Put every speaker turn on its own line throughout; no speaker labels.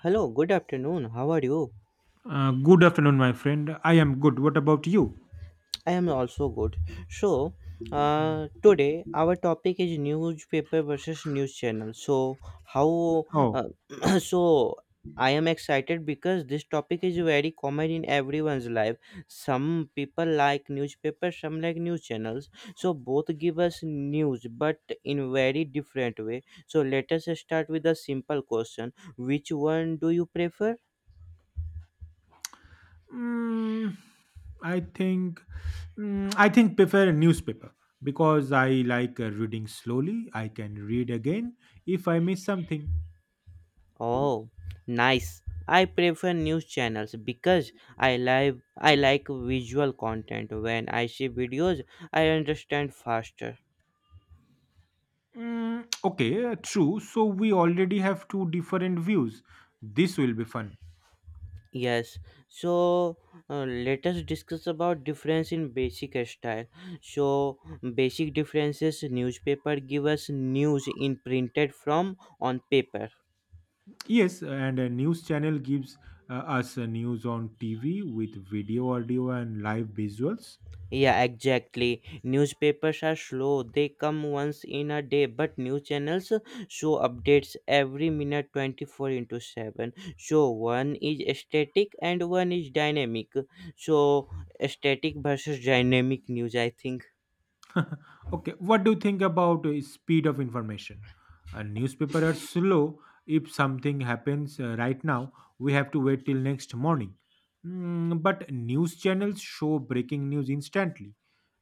Hello, good afternoon. How are you?
Good afternoon, my friend. I am good. What about you?
I am also good. So,
Mm.
today our topic is newspaper versus news channel. So, how?
Oh.
Uh, so, I am excited because this topic is very common in everyone's life. Some people like newspaper, some like news channels. So, both give us news, but in very different way. So, let us start with a simple question: Which one do you prefer?
mm, I think prefer a newspaper because I like reading slowly. I can read again if I miss something.
Oh, nice. I prefer news channels because I like visual content. When I see videos, I understand faster.
Mm, okay, true. So we already have two different views. This will be fun.
Yes. So let us discuss about difference in basic style. So basic differences newspaper give us news in printed from on paper.
Yes, and a news channel gives us news on TV with video, audio, and live visuals.
Yeah, exactly. Newspapers are slow. They come once in a day, but news channels show updates every minute 24 into 7. So one is static and one is dynamic. So static versus dynamic news, I think.
Okay, what do you think about speed of information? A newspaper are slow. If something happens right now, we have to wait till next morning. But news channels show breaking news instantly.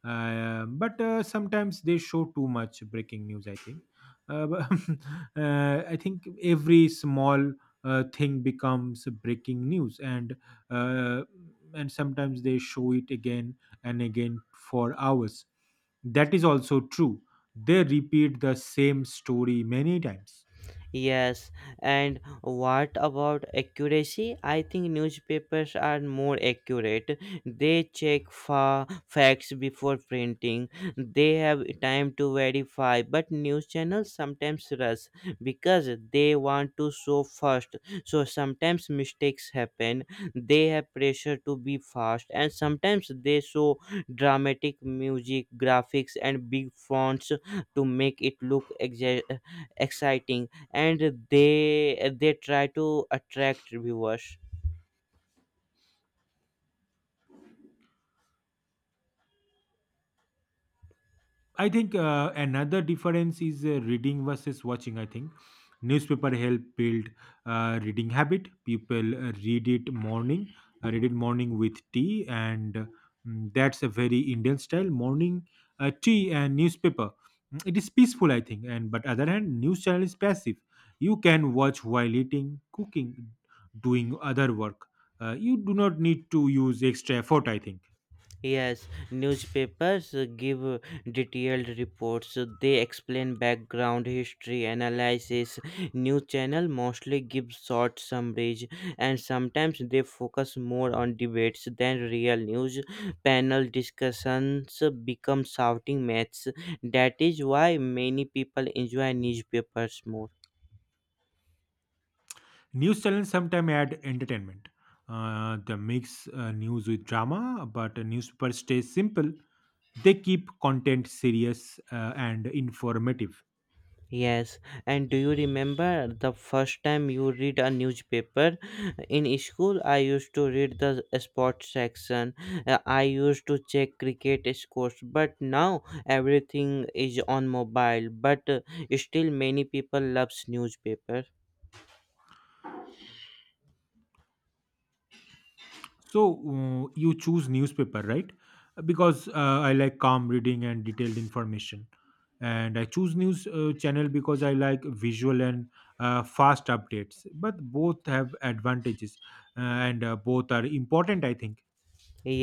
But sometimes they show too much breaking news, I think. But, I think every small thing becomes breaking news, uh, and sometimes they show it again and again for hours. That is also true. They repeat the same story many times.
Yes, and what about accuracy? I think newspapers are more accurate. They check facts before printing. They have time to verify, but news channels sometimes rush because they want to show fast. So sometimes mistakes happen. They have pressure to be fast, and sometimes they show dramatic music, graphics, and big fonts to make it look exciting, and they try to attract viewers.
I think another difference is reading versus watching. I think newspaper help build reading habit. People read it morning with tea, and that's a very Indian style morning tea and newspaper. It is peaceful, I think. And but other hand, news channel is passive. You can watch while eating, cooking, doing other work. You do not need to use extra effort, I think.
Yes, newspapers give detailed reports. They explain background history analysis. News channel mostly give short summaries, and sometimes they focus more on debates than real news. Panel discussions become shouting matches. That is why many people enjoy newspapers more.
News channels sometimes add entertainment. They mix news with drama, but newspapers stay simple. They keep content serious and informative.
Yes, and do you remember the first time you read a newspaper? In school, I used to read the sports section. I used to check cricket scores, but now everything is on mobile. But still, many people loves newspaper.
So you choose newspaper, right? Because I like calm reading and detailed information. And I choose news channel because I like visual and fast updates. But both have advantages, and both are important, I think.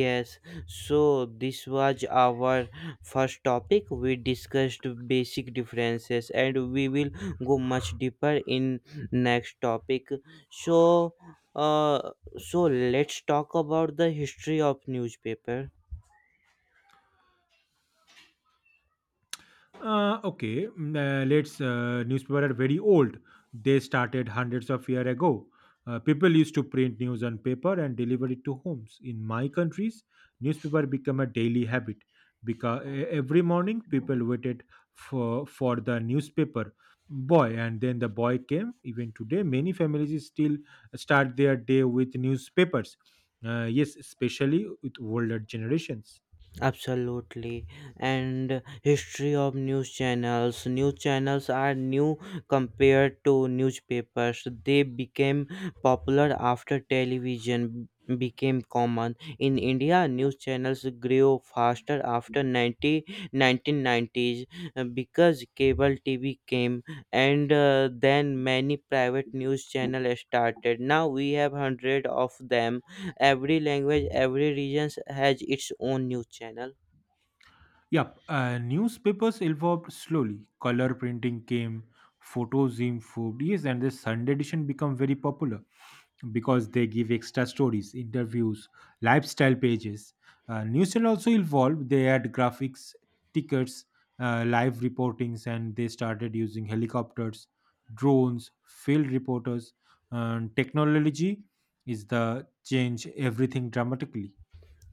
Yes, so this was our first topic. We discussed basic differences and we will go much deeper in next topic. So uh so let's talk about the history of newspaper.
Okay. Let's. Newspaper are very old. They started hundreds of years ago. People used to print news on paper and deliver it to homes. In my countries, newspaper became a daily habit because every morning people waited for the newspaper boy, and then the boy came. Even today, many families still start their day with newspapers. Yes, especially with older generations.
Absolutely. And history of news channels. News channels are new compared to newspapers. They became popular after television became common in India. News channels grew faster after ninety 1990s, because cable TV came, and then many private news channels started. Now we have hundred of them. Every language, every region has its own news channel.
Yep, newspapers evolved slowly. Color printing came, photos improved, yes, and the Sunday edition become very popular because they give extra stories, interviews, lifestyle pages. News channel also evolved. They had graphics, tickets, live reportings, and they started using helicopters, drones, field reporters. And technology is the change everything dramatically.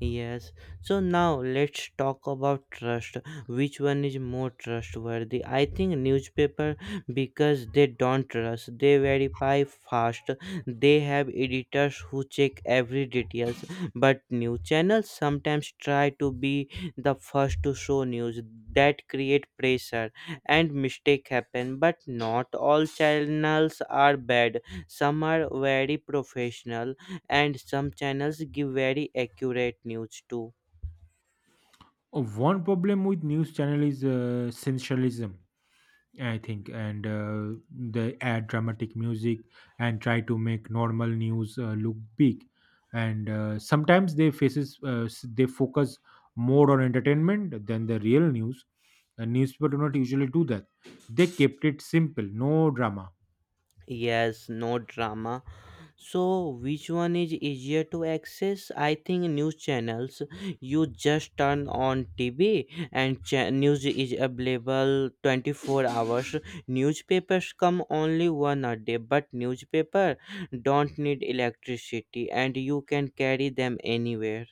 Yes. So now let's talk about trust. Which one is more trustworthy? I think newspaper, because they don't trust. They verify fast. They have editors who check every details. But news channels sometimes try to be the first to show news. That create pressure and mistake happen. But not all channels are bad. Some are very professional, and some channels give very accurate news too.
Oh, one problem with news channel is sensationalism, I think, and they add dramatic music and try to make normal news look big. And sometimes they faces they focus more on entertainment than the real news. And newspaper do not usually do that. They kept it simple, no drama.
Yes, no drama. So, which one is easier to access? I think news channels. You just turn on TV and news is available 24 hours. Newspapers come only one a day, but newspaper don't need electricity and you can carry them anywhere.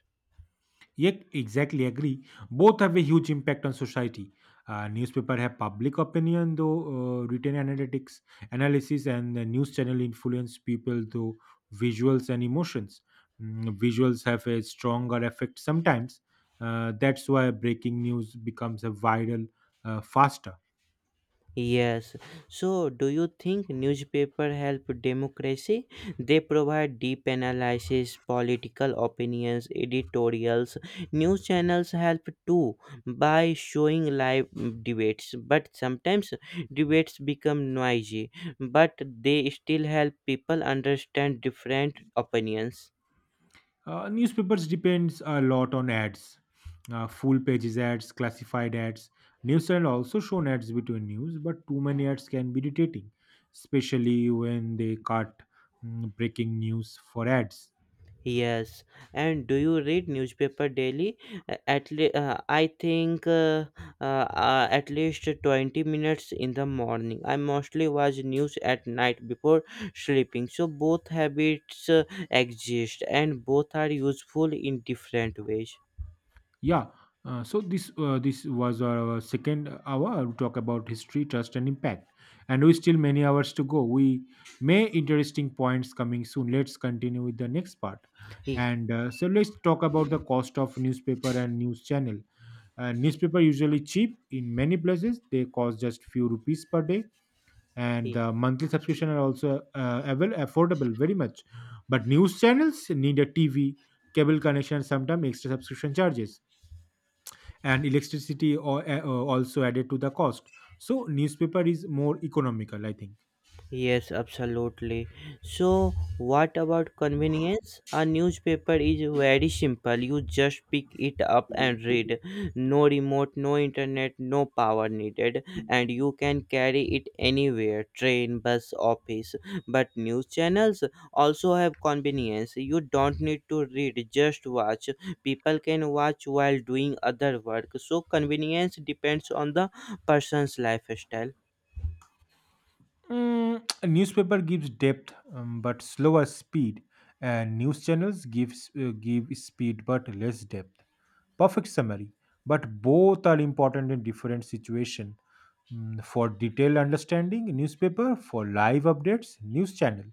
Yet, exactly agree. Both have a huge impact on society. Newspaper have public opinion, though written analytics, analysis, and the news channel influence people through visuals and emotions. Visuals have a stronger effect sometimes. That's why breaking news becomes a viral faster.
Yes. So, do you think newspaper help democracy? They provide deep analysis, political opinions, editorials. News channels help too by showing live debates, but sometimes debates become noisy, but they still help people understand different opinions.
Newspapers depends a lot on ads, full pages ads, classified ads. News channel also shown ads between news, but too many ads can be irritating, especially when they cut breaking news for ads.
Yes, and do you read newspaper daily? I think at least 20 minutes in the morning. I mostly watch news at night before sleeping. So both habits exist, and both are useful in different ways.
Yeah. So this was our second hour to talk about history, trust, and impact, and we still many hours to go. We may interesting points coming soon. Let's continue with the next part,
He-
and so let's talk about the cost of newspaper and news channel. Newspaper usually cheap in many places; they cost just few rupees per day, and
he.
the monthly subscription are also affordable very much. But news channels need a TV, cable connection, sometimes extra subscription charges and electricity or, also added to the cost. So newspaper is more economical, I think.
Yes, absolutely. So, what about convenience? A newspaper is very simple. You just pick it up and read. No remote, no internet, no power needed, and you can carry it anywhere, train, bus, office. But news channels also have convenience. You don't need to read, just watch. People can watch while doing other work. So, convenience depends on the person's lifestyle.
A newspaper gives depth, but slower speed, and news channels give speed but less depth. Perfect summary, but both are important in different situation. For detailed understanding, newspaper. For live updates, news channel.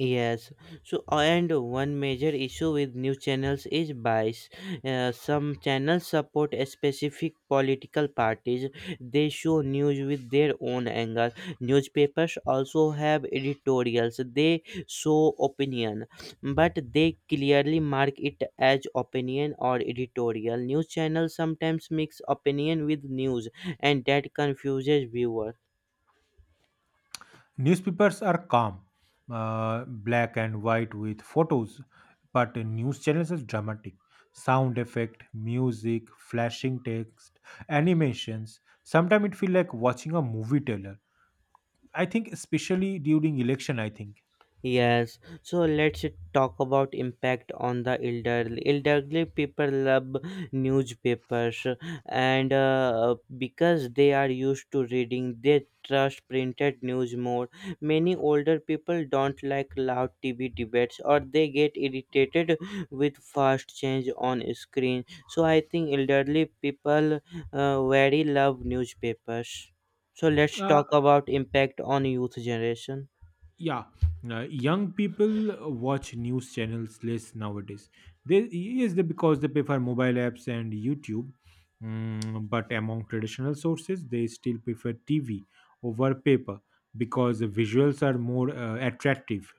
Yes, so and one major issue with news channels is bias. Some channels support a specific political parties. They show news with their own angle. Newspapers also have editorials. They show opinion, but they clearly mark it as opinion or editorial. News channels sometimes mix opinion with news, and that confuses viewers.
Newspapers are calm, black and white with photos, but news channels are dramatic. Sound effect, music, flashing text, animations. Sometimes it feels like watching a movie trailer. I think, especially during election, I think.
Yes, so let's talk about impact on the elderly. Elderly people love newspapers, and because they are used to reading, they trust printed news more. Many older people don't like loud TV debates, or they get irritated with fast change on screen. So I think elderly people very love newspapers. So let's
Uh,
talk about impact on youth generation.
yeah, young people watch news channels less nowadays. They, yes, they, because they prefer mobile apps and YouTube. But among traditional sources, they still prefer TV over paper because the visuals are more attractive.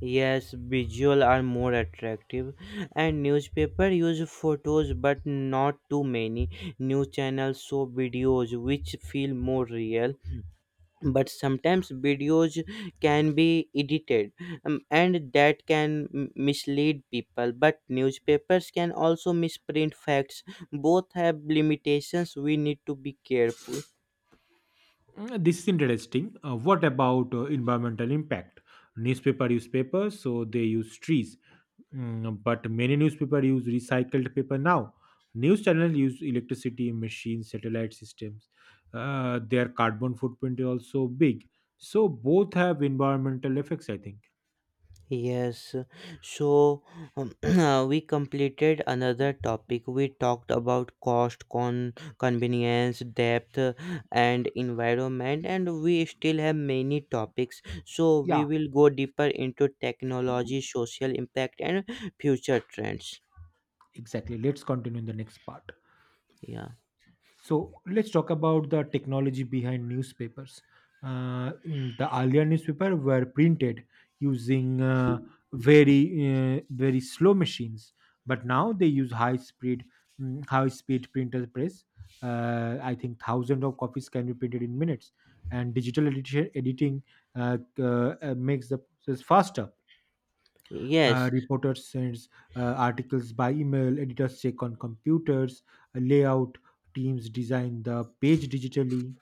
Yes, visual are more attractive, and newspaper use photos but not too many. News channels show videos which feel more real, but sometimes videos can be edited, and that can mislead people. But newspapers can also misprint facts. Both have limitations. We need to be careful.
This is interesting. What about environmental impact? Newspaper use paper, so they use trees. But many newspaper use recycled paper now. News channel use electricity, machines, satellite systems. Their carbon footprint is also big. So both have environmental effects, I think.
Yes, so we completed another topic. We talked about cost, convenience, depth, and environment, and we still have many topics. So
Yeah.
we will go deeper into technology, social impact, and future trends.
Exactly. Let's continue in the next part.
Yeah.
So let's talk about the technology behind newspapers. The earlier newspaper were printed using very slow machines, but now they use high speed printer press. I think thousands of copies can be printed in minutes, and digital editing makes the process faster.
Yes.
Reporters sends articles by email. Editors check on computers. Layout teams design the page digitally.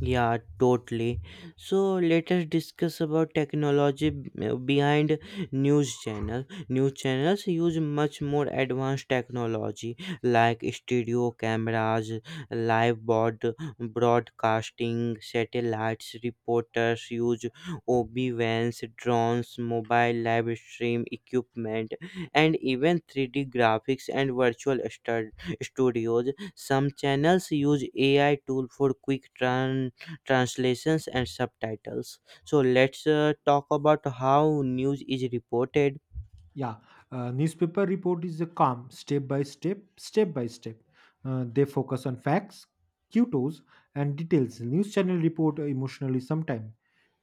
Yeah, totally. So let us discuss about technology behind news channel. News channels use much more advanced technology like studio cameras, live board broadcasting, satellites. Reporters use OB vans, drones, mobile live stream equipment, and even 3D graphics and virtual studios. Some channels use AI tool for quick turn translations and subtitles, so let's talk about how news is reported.
Yeah, newspaper report is a calm, step by step. They focus on facts, cutos, and details. News channel report emotionally sometime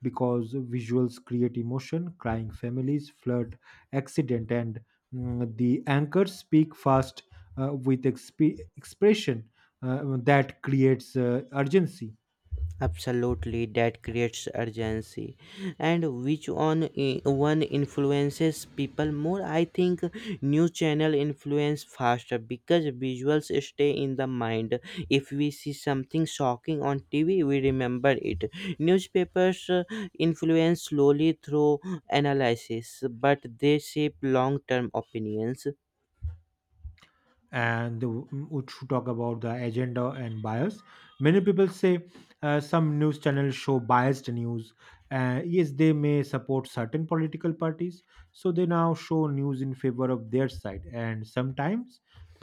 because visuals create emotion, crying families, flood, accident, and the anchors speak fast, with expression, that creates urgency.
Absolutely, that creates urgency. And which one one influences people more, I think news channel influence faster because visuals stay in the mind. If we see something shocking on TV, we remember it. Newspapers influence slowly through analysis, but they shape long term opinions.
And we should talk about the agenda and bias. Many people say some news channels show biased news. Yes, they may support certain political parties, so they now show news in favor of their side, and sometimes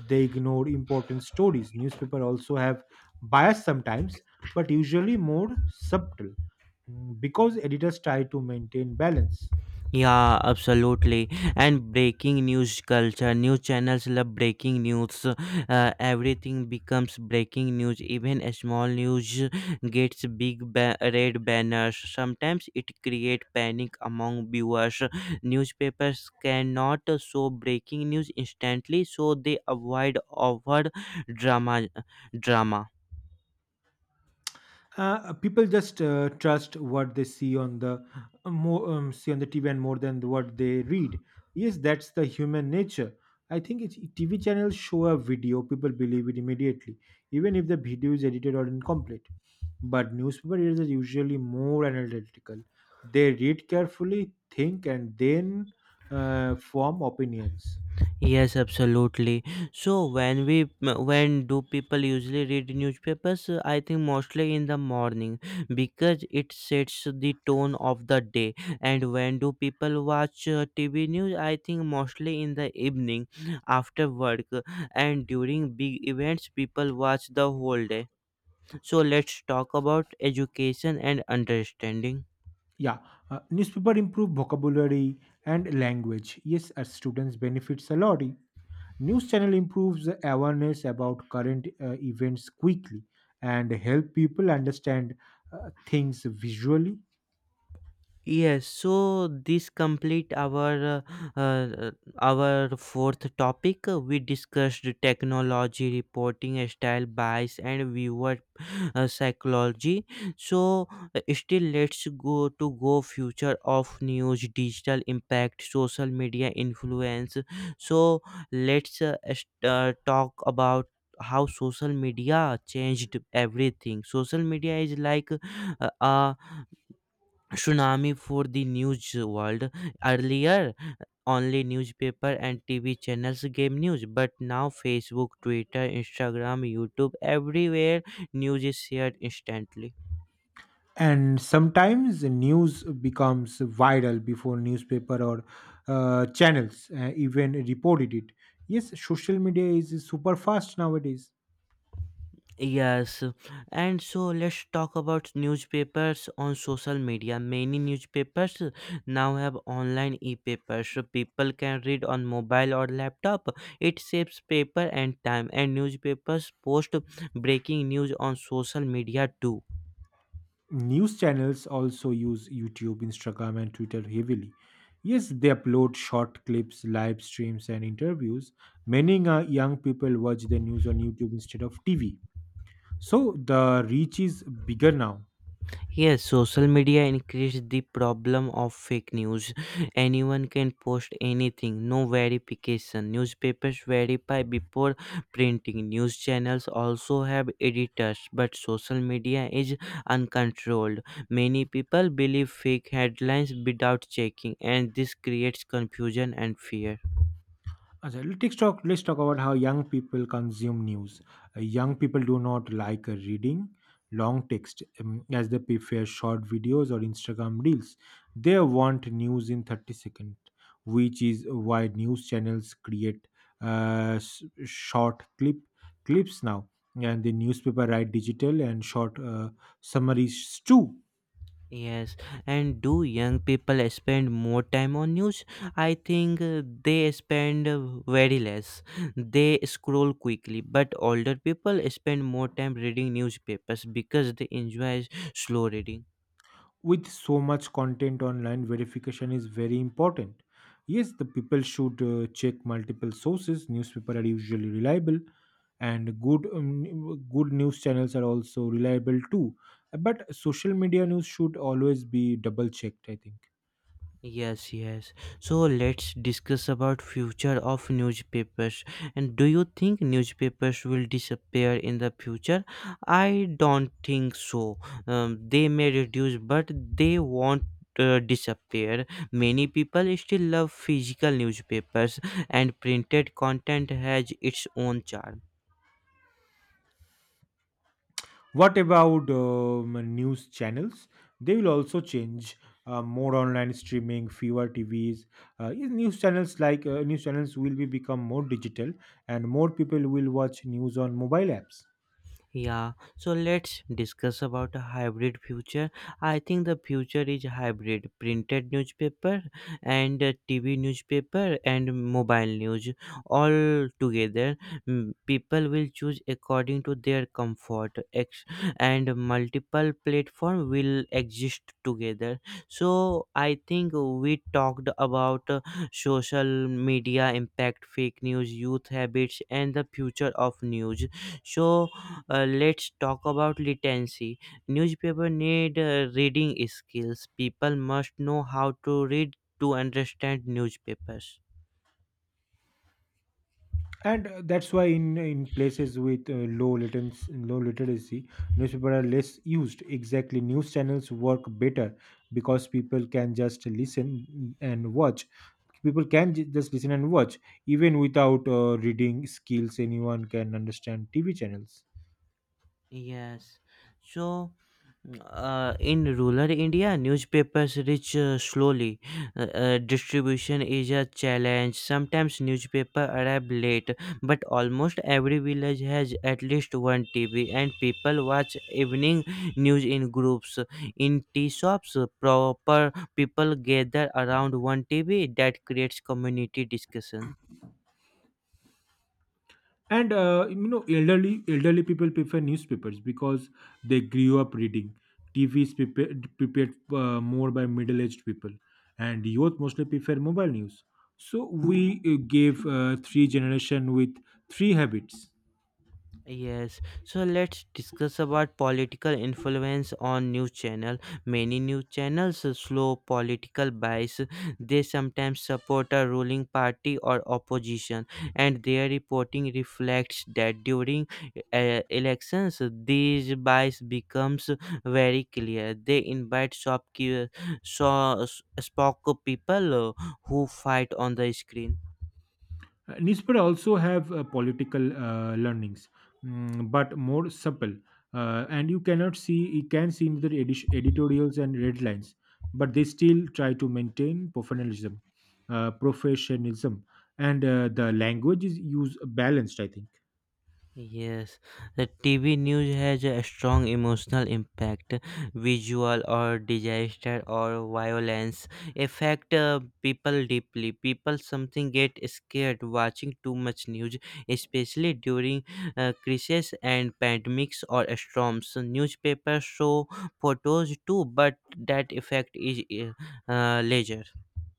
they ignore important stories. Newspaper also have bias sometimes, but usually more subtle. Because editors try to maintain balance.
Yeah, absolutely. And breaking news culture, news channels love breaking news. Everything becomes breaking news. Even a small news gets big red banners. Sometimes it creates panic among viewers. Newspapers cannot show breaking news instantly, so they avoid over drama. Drama.
People just trust what they see on the TV, and more than what they read. Yes, that's the human nature. I think it's TV channels show a video, people believe it immediately, even if the video is edited or incomplete. But newspaper readers are usually more analytical. They read carefully, think, and then form opinions.
Yes, absolutely. So when do people usually read newspapers? I think mostly in the morning because it sets the tone of the day. And when do people watch TV news? I think mostly in the evening after work, and during big events people watch the whole day. So let's talk about education and understanding.
Yeah, newspaper improve vocabulary and language. Yes, our students benefits a lot. News channel improves awareness about current events quickly and help people understand things visually.
Yes, so this complete uh, uh, our fourth topic. We discussed technology reporting style bias and viewer psychology. So still, let's go to go future of news, digital impact, social media influence. So let's talk about how social media changed everything. Social media is like a tsunami for the news world. Earlier, only newspaper and TV channels gave news, but now Facebook, Twitter, Instagram, YouTube, everywhere news is shared instantly.
And sometimes the news becomes viral before newspaper or channels even reported it. Yes, social media is super fast nowadays.
Yes, and so let's talk about newspapers on social media. Many newspapers now have online e-papers, so people can read on mobile or laptop. It saves paper and time, and newspapers post breaking news on social media too.
News channels also use YouTube, Instagram, and Twitter heavily. Yes, they upload short clips, live streams, and interviews. Many young people watch the news on YouTube instead of TV. So the reach is bigger now.
Yes, social media increased the problem of fake news. Anyone can post anything, no verification. Newspapers verify before printing. News channels also have editors, but social media is uncontrolled. Many people believe fake headlines without checking, and this creates confusion and fear.
Ajay, let's talk. Let's talk about how young people consume news. Young people do not like reading long text, as they prefer short videos or Instagram reels. They want news in 30 seconds, which is why news channels create short clips now, and the newspaper write digital and short summaries too.
Yes, and do young people spend more time on news? I think they spend very less. They scroll quickly, but older people spend more time reading newspapers because they enjoy slow reading.
With so much content online, verification is very important. Yes, the people should check multiple sources. Newspaper are usually reliable, and good news channels are also reliable too. But social media news should always be double checked, I think.
Yes, yes. So let's discuss about future of newspapers. And do you think newspapers will disappear in the future? I don't think so. They may reduce, but they won't. Disappear. Many people still love physical newspapers, and printed content has its own charm.
What about news channels? They will also change. More online streaming, fewer TVs. Is news channels like news channels will be become more digital, and more people will watch news on mobile apps.
Yeah, so let's discuss about a hybrid future. I think the future is hybrid, printed newspaper and TV newspaper and mobile news all together. People will choose according to their comfort, and multiple platform will exist together. So I think we talked about social media impact, fake news, youth habits, and the future of news. So let's talk about literacy. Newspaper need reading skills. People must know how to read to understand newspapers.
And that's why in places with low latency, low literacy, newspaper are less used. Exactly, news channels work better because and watch people can just listen and watch, even without reading skills. Anyone can understand TV channels.
Yes. So in rural India, newspapers reach slowly. Distribution is a challenge. Sometimes newspaper arrive late, but almost every village has at least one TV, and people watch evening news in groups. In tea shops, proper people gather around one TV. That creates community discussion.
And elderly people prefer newspapers because they grew up reading. TV is prepared more by middle aged people, and youth mostly prefer mobile news. So we gave three generation with three habits.
Yes, so let's discuss about political influence on news channel. Many news channels slow political bias. They sometimes support a ruling party or opposition, and their reporting reflects that during elections, these bias becomes very clear. They invite shopkeepers, so, spoke people who fight on the screen.
Nispur also have political learnings, but more supple, and you cannot see you can see in their editorials and red lines, but they still try to maintain professionalism, and the language is used balanced, I think.
Yes, the TV news has a strong emotional impact, visual or disaster or violence affect people deeply. People something get scared watching too much news, especially during crises and pandemics or storms. Newspapers show photos too, but that effect is leisure.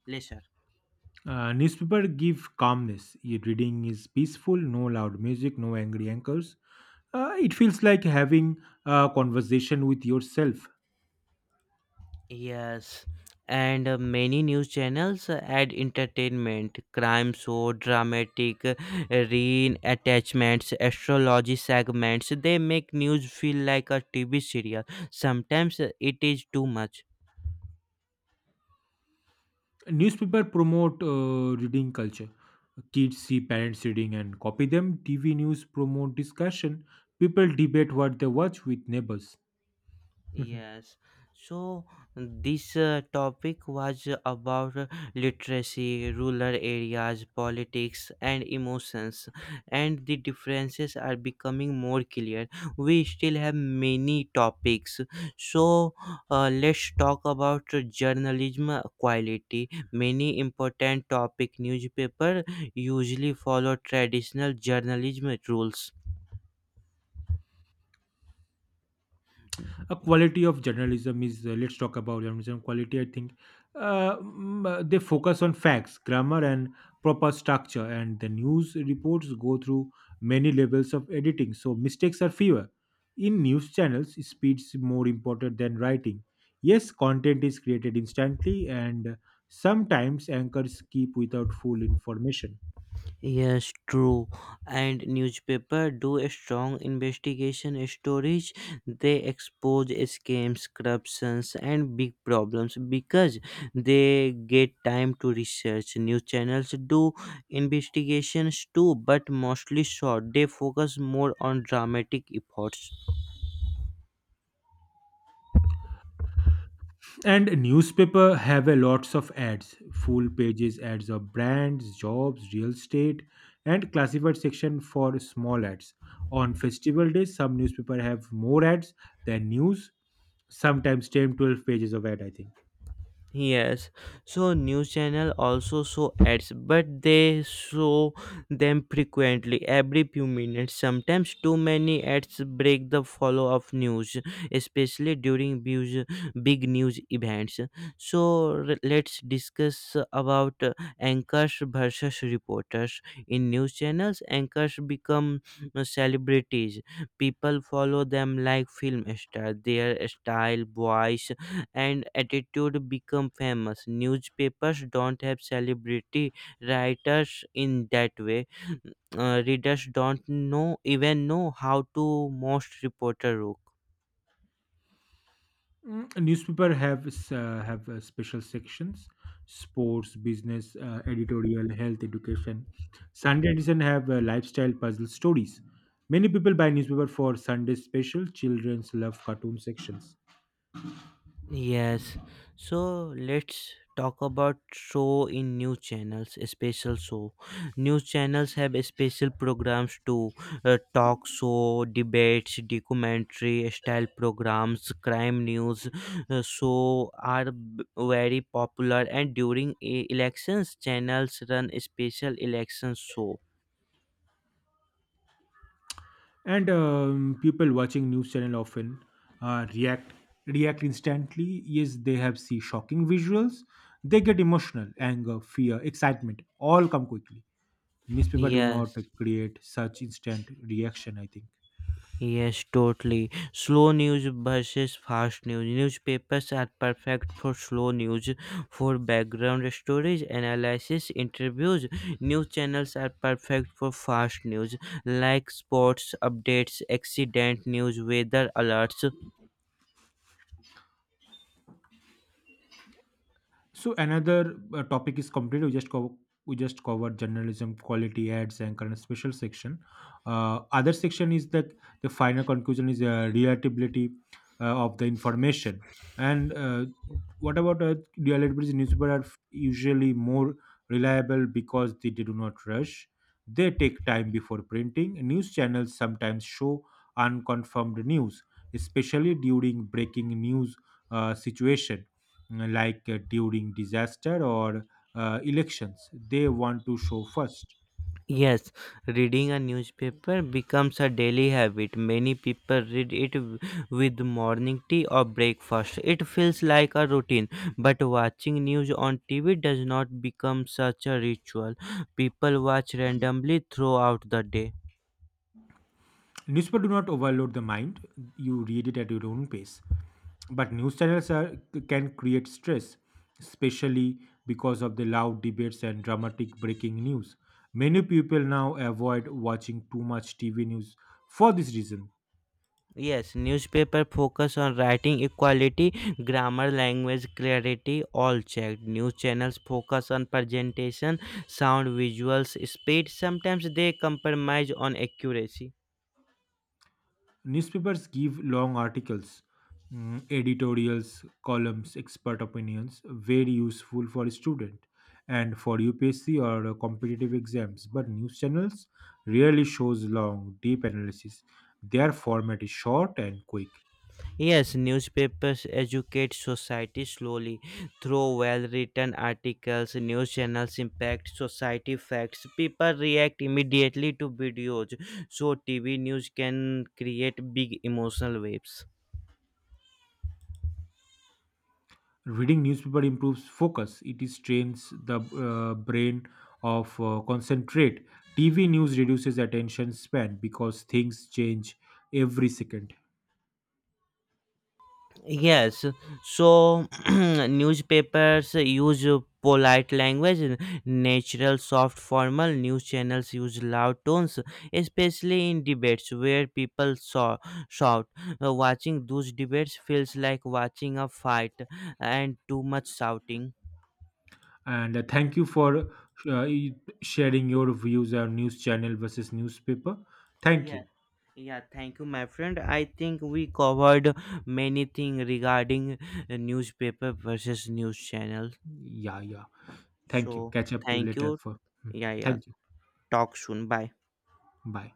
Lesser.
Newspaper give calmness. Your reading is peaceful, no loud music, no angry anchors. It feels like having a conversation with yourself.
Yes, and many news channels add entertainment, crime show, dramatic reattachments, astrology segments. They make news feel like a TV serial. Sometimes it is too much.
Newspaper promote reading culture. Kids see parents reading and copy them. TV news promote discussion. People debate what they watch with neighbors.
Yes, so this topic was about literacy, rural areas, politics, and emotions, and the differences are becoming more clear. We still have many topics, so let's talk about journalism quality. Many important topic newspaper usually follow traditional journalism rules.
a quality of journalism is let's talk about journalism quality, I think. They focus on facts, grammar, and proper structure, and the news reports go through many levels of editing, so mistakes are fewer. In news channels, speed is more important than writing. Yes, content is created instantly, and sometimes anchors keep without full information.
Yes, true. And newspaper do a strong investigation stories. They expose scams, corruptions, and big problems because they get time to research. News channels do investigations too, but mostly short. They focus more on dramatic efforts.
And newspaper have a lots of ads, full pages ads of brands, jobs, real estate, and classified section for small ads. On festival days, some newspaper have more ads than news, sometimes 10, 12 pages of ad, I think.
Yes, so news channel also show ads, but they show them frequently, every few minutes. Sometimes too many ads break the follow of news, especially during big news events. So let's discuss about anchors versus reporters in news channels. Anchors become celebrities; people follow them like film star. Their style, voice and attitude become famous. Newspapers don't have celebrity writers in that way. Readers don't know even know how to most reporter look.
Newspaper have special sections: sports, business, editorial, health, education. Sunday edition have lifestyle puzzle stories. Many people buy newspaper for Sunday special. Childrens love cartoon sections,
Yes, so let's talk about show in news channels, special show. News channels have special programs to talk show, debates, documentary style programs, crime news. So are very popular, and during elections, channels run special election show.
and people watching news channel often uh, react react instantly. Yes, they have see shocking visuals. They get emotional, anger, fear, excitement. All come quickly. Newspaper do not
Yes.
create such instant reaction, I think.
Yes, totally. Slow news versus fast news. Newspapers are perfect for slow news, for background stories, analysis, interviews. News channels are perfect for fast news, like sports updates, accident news, weather alerts.
So another topic is complete. We just covered journalism, quality ads, and current special section. Other section is that the final conclusion is reliability of the information. And what about reliability? Newspaper are usually more reliable because they do not rush. They take time before printing. News channels sometimes show unconfirmed news, especially during breaking news situation, like during disaster or elections they want to show first.
Yes, reading a newspaper becomes a daily habit. Many people read it with morning tea or breakfast. It feels like a routine, but watching news on TV does not become such a ritual. People watch randomly throughout the day.
Newspaper do not overload the mind. You read it at your own pace, but news channels can create stress, especially because of the loud debates and dramatic breaking news. Many people now avoid watching too much TV news for this reason.
Yes, newspaper focus on writing equality, grammar, language clarity, all checked. News channels focus on presentation, sound, visuals, speed. Sometimes they compromise on accuracy.
Newspapers give long articles, editorials, columns, expert opinions, very useful for a student and for UPSC or competitive exams. But news channels rarely shows long, deep analysis. Their format is short and quick.
Yes, newspapers educate society slowly through well written articles, news channels impact society facts. People react immediately to videos, so TV news can create big emotional waves.
Reading newspaper improves focus. It is trains the brain of concentrate. TV news reduces attention span because things change every second.
Yes, so newspapers use polite language, natural, soft, formal. News channels use loud tones, especially in debates where people shout. Watching those debates feels like watching a fight and too much shouting.
And thank you for sharing your views on news channel versus newspaper. Thank
Yeah,
you.
yeah, thank you, my friend. I think we covered many things regarding newspaper versus news channel.
Yeah, yeah, thank you.
So,
Catch up you
thank you.
later for. Hmm.
Yeah, yeah.
Thank you.
টক শুন by
Bye.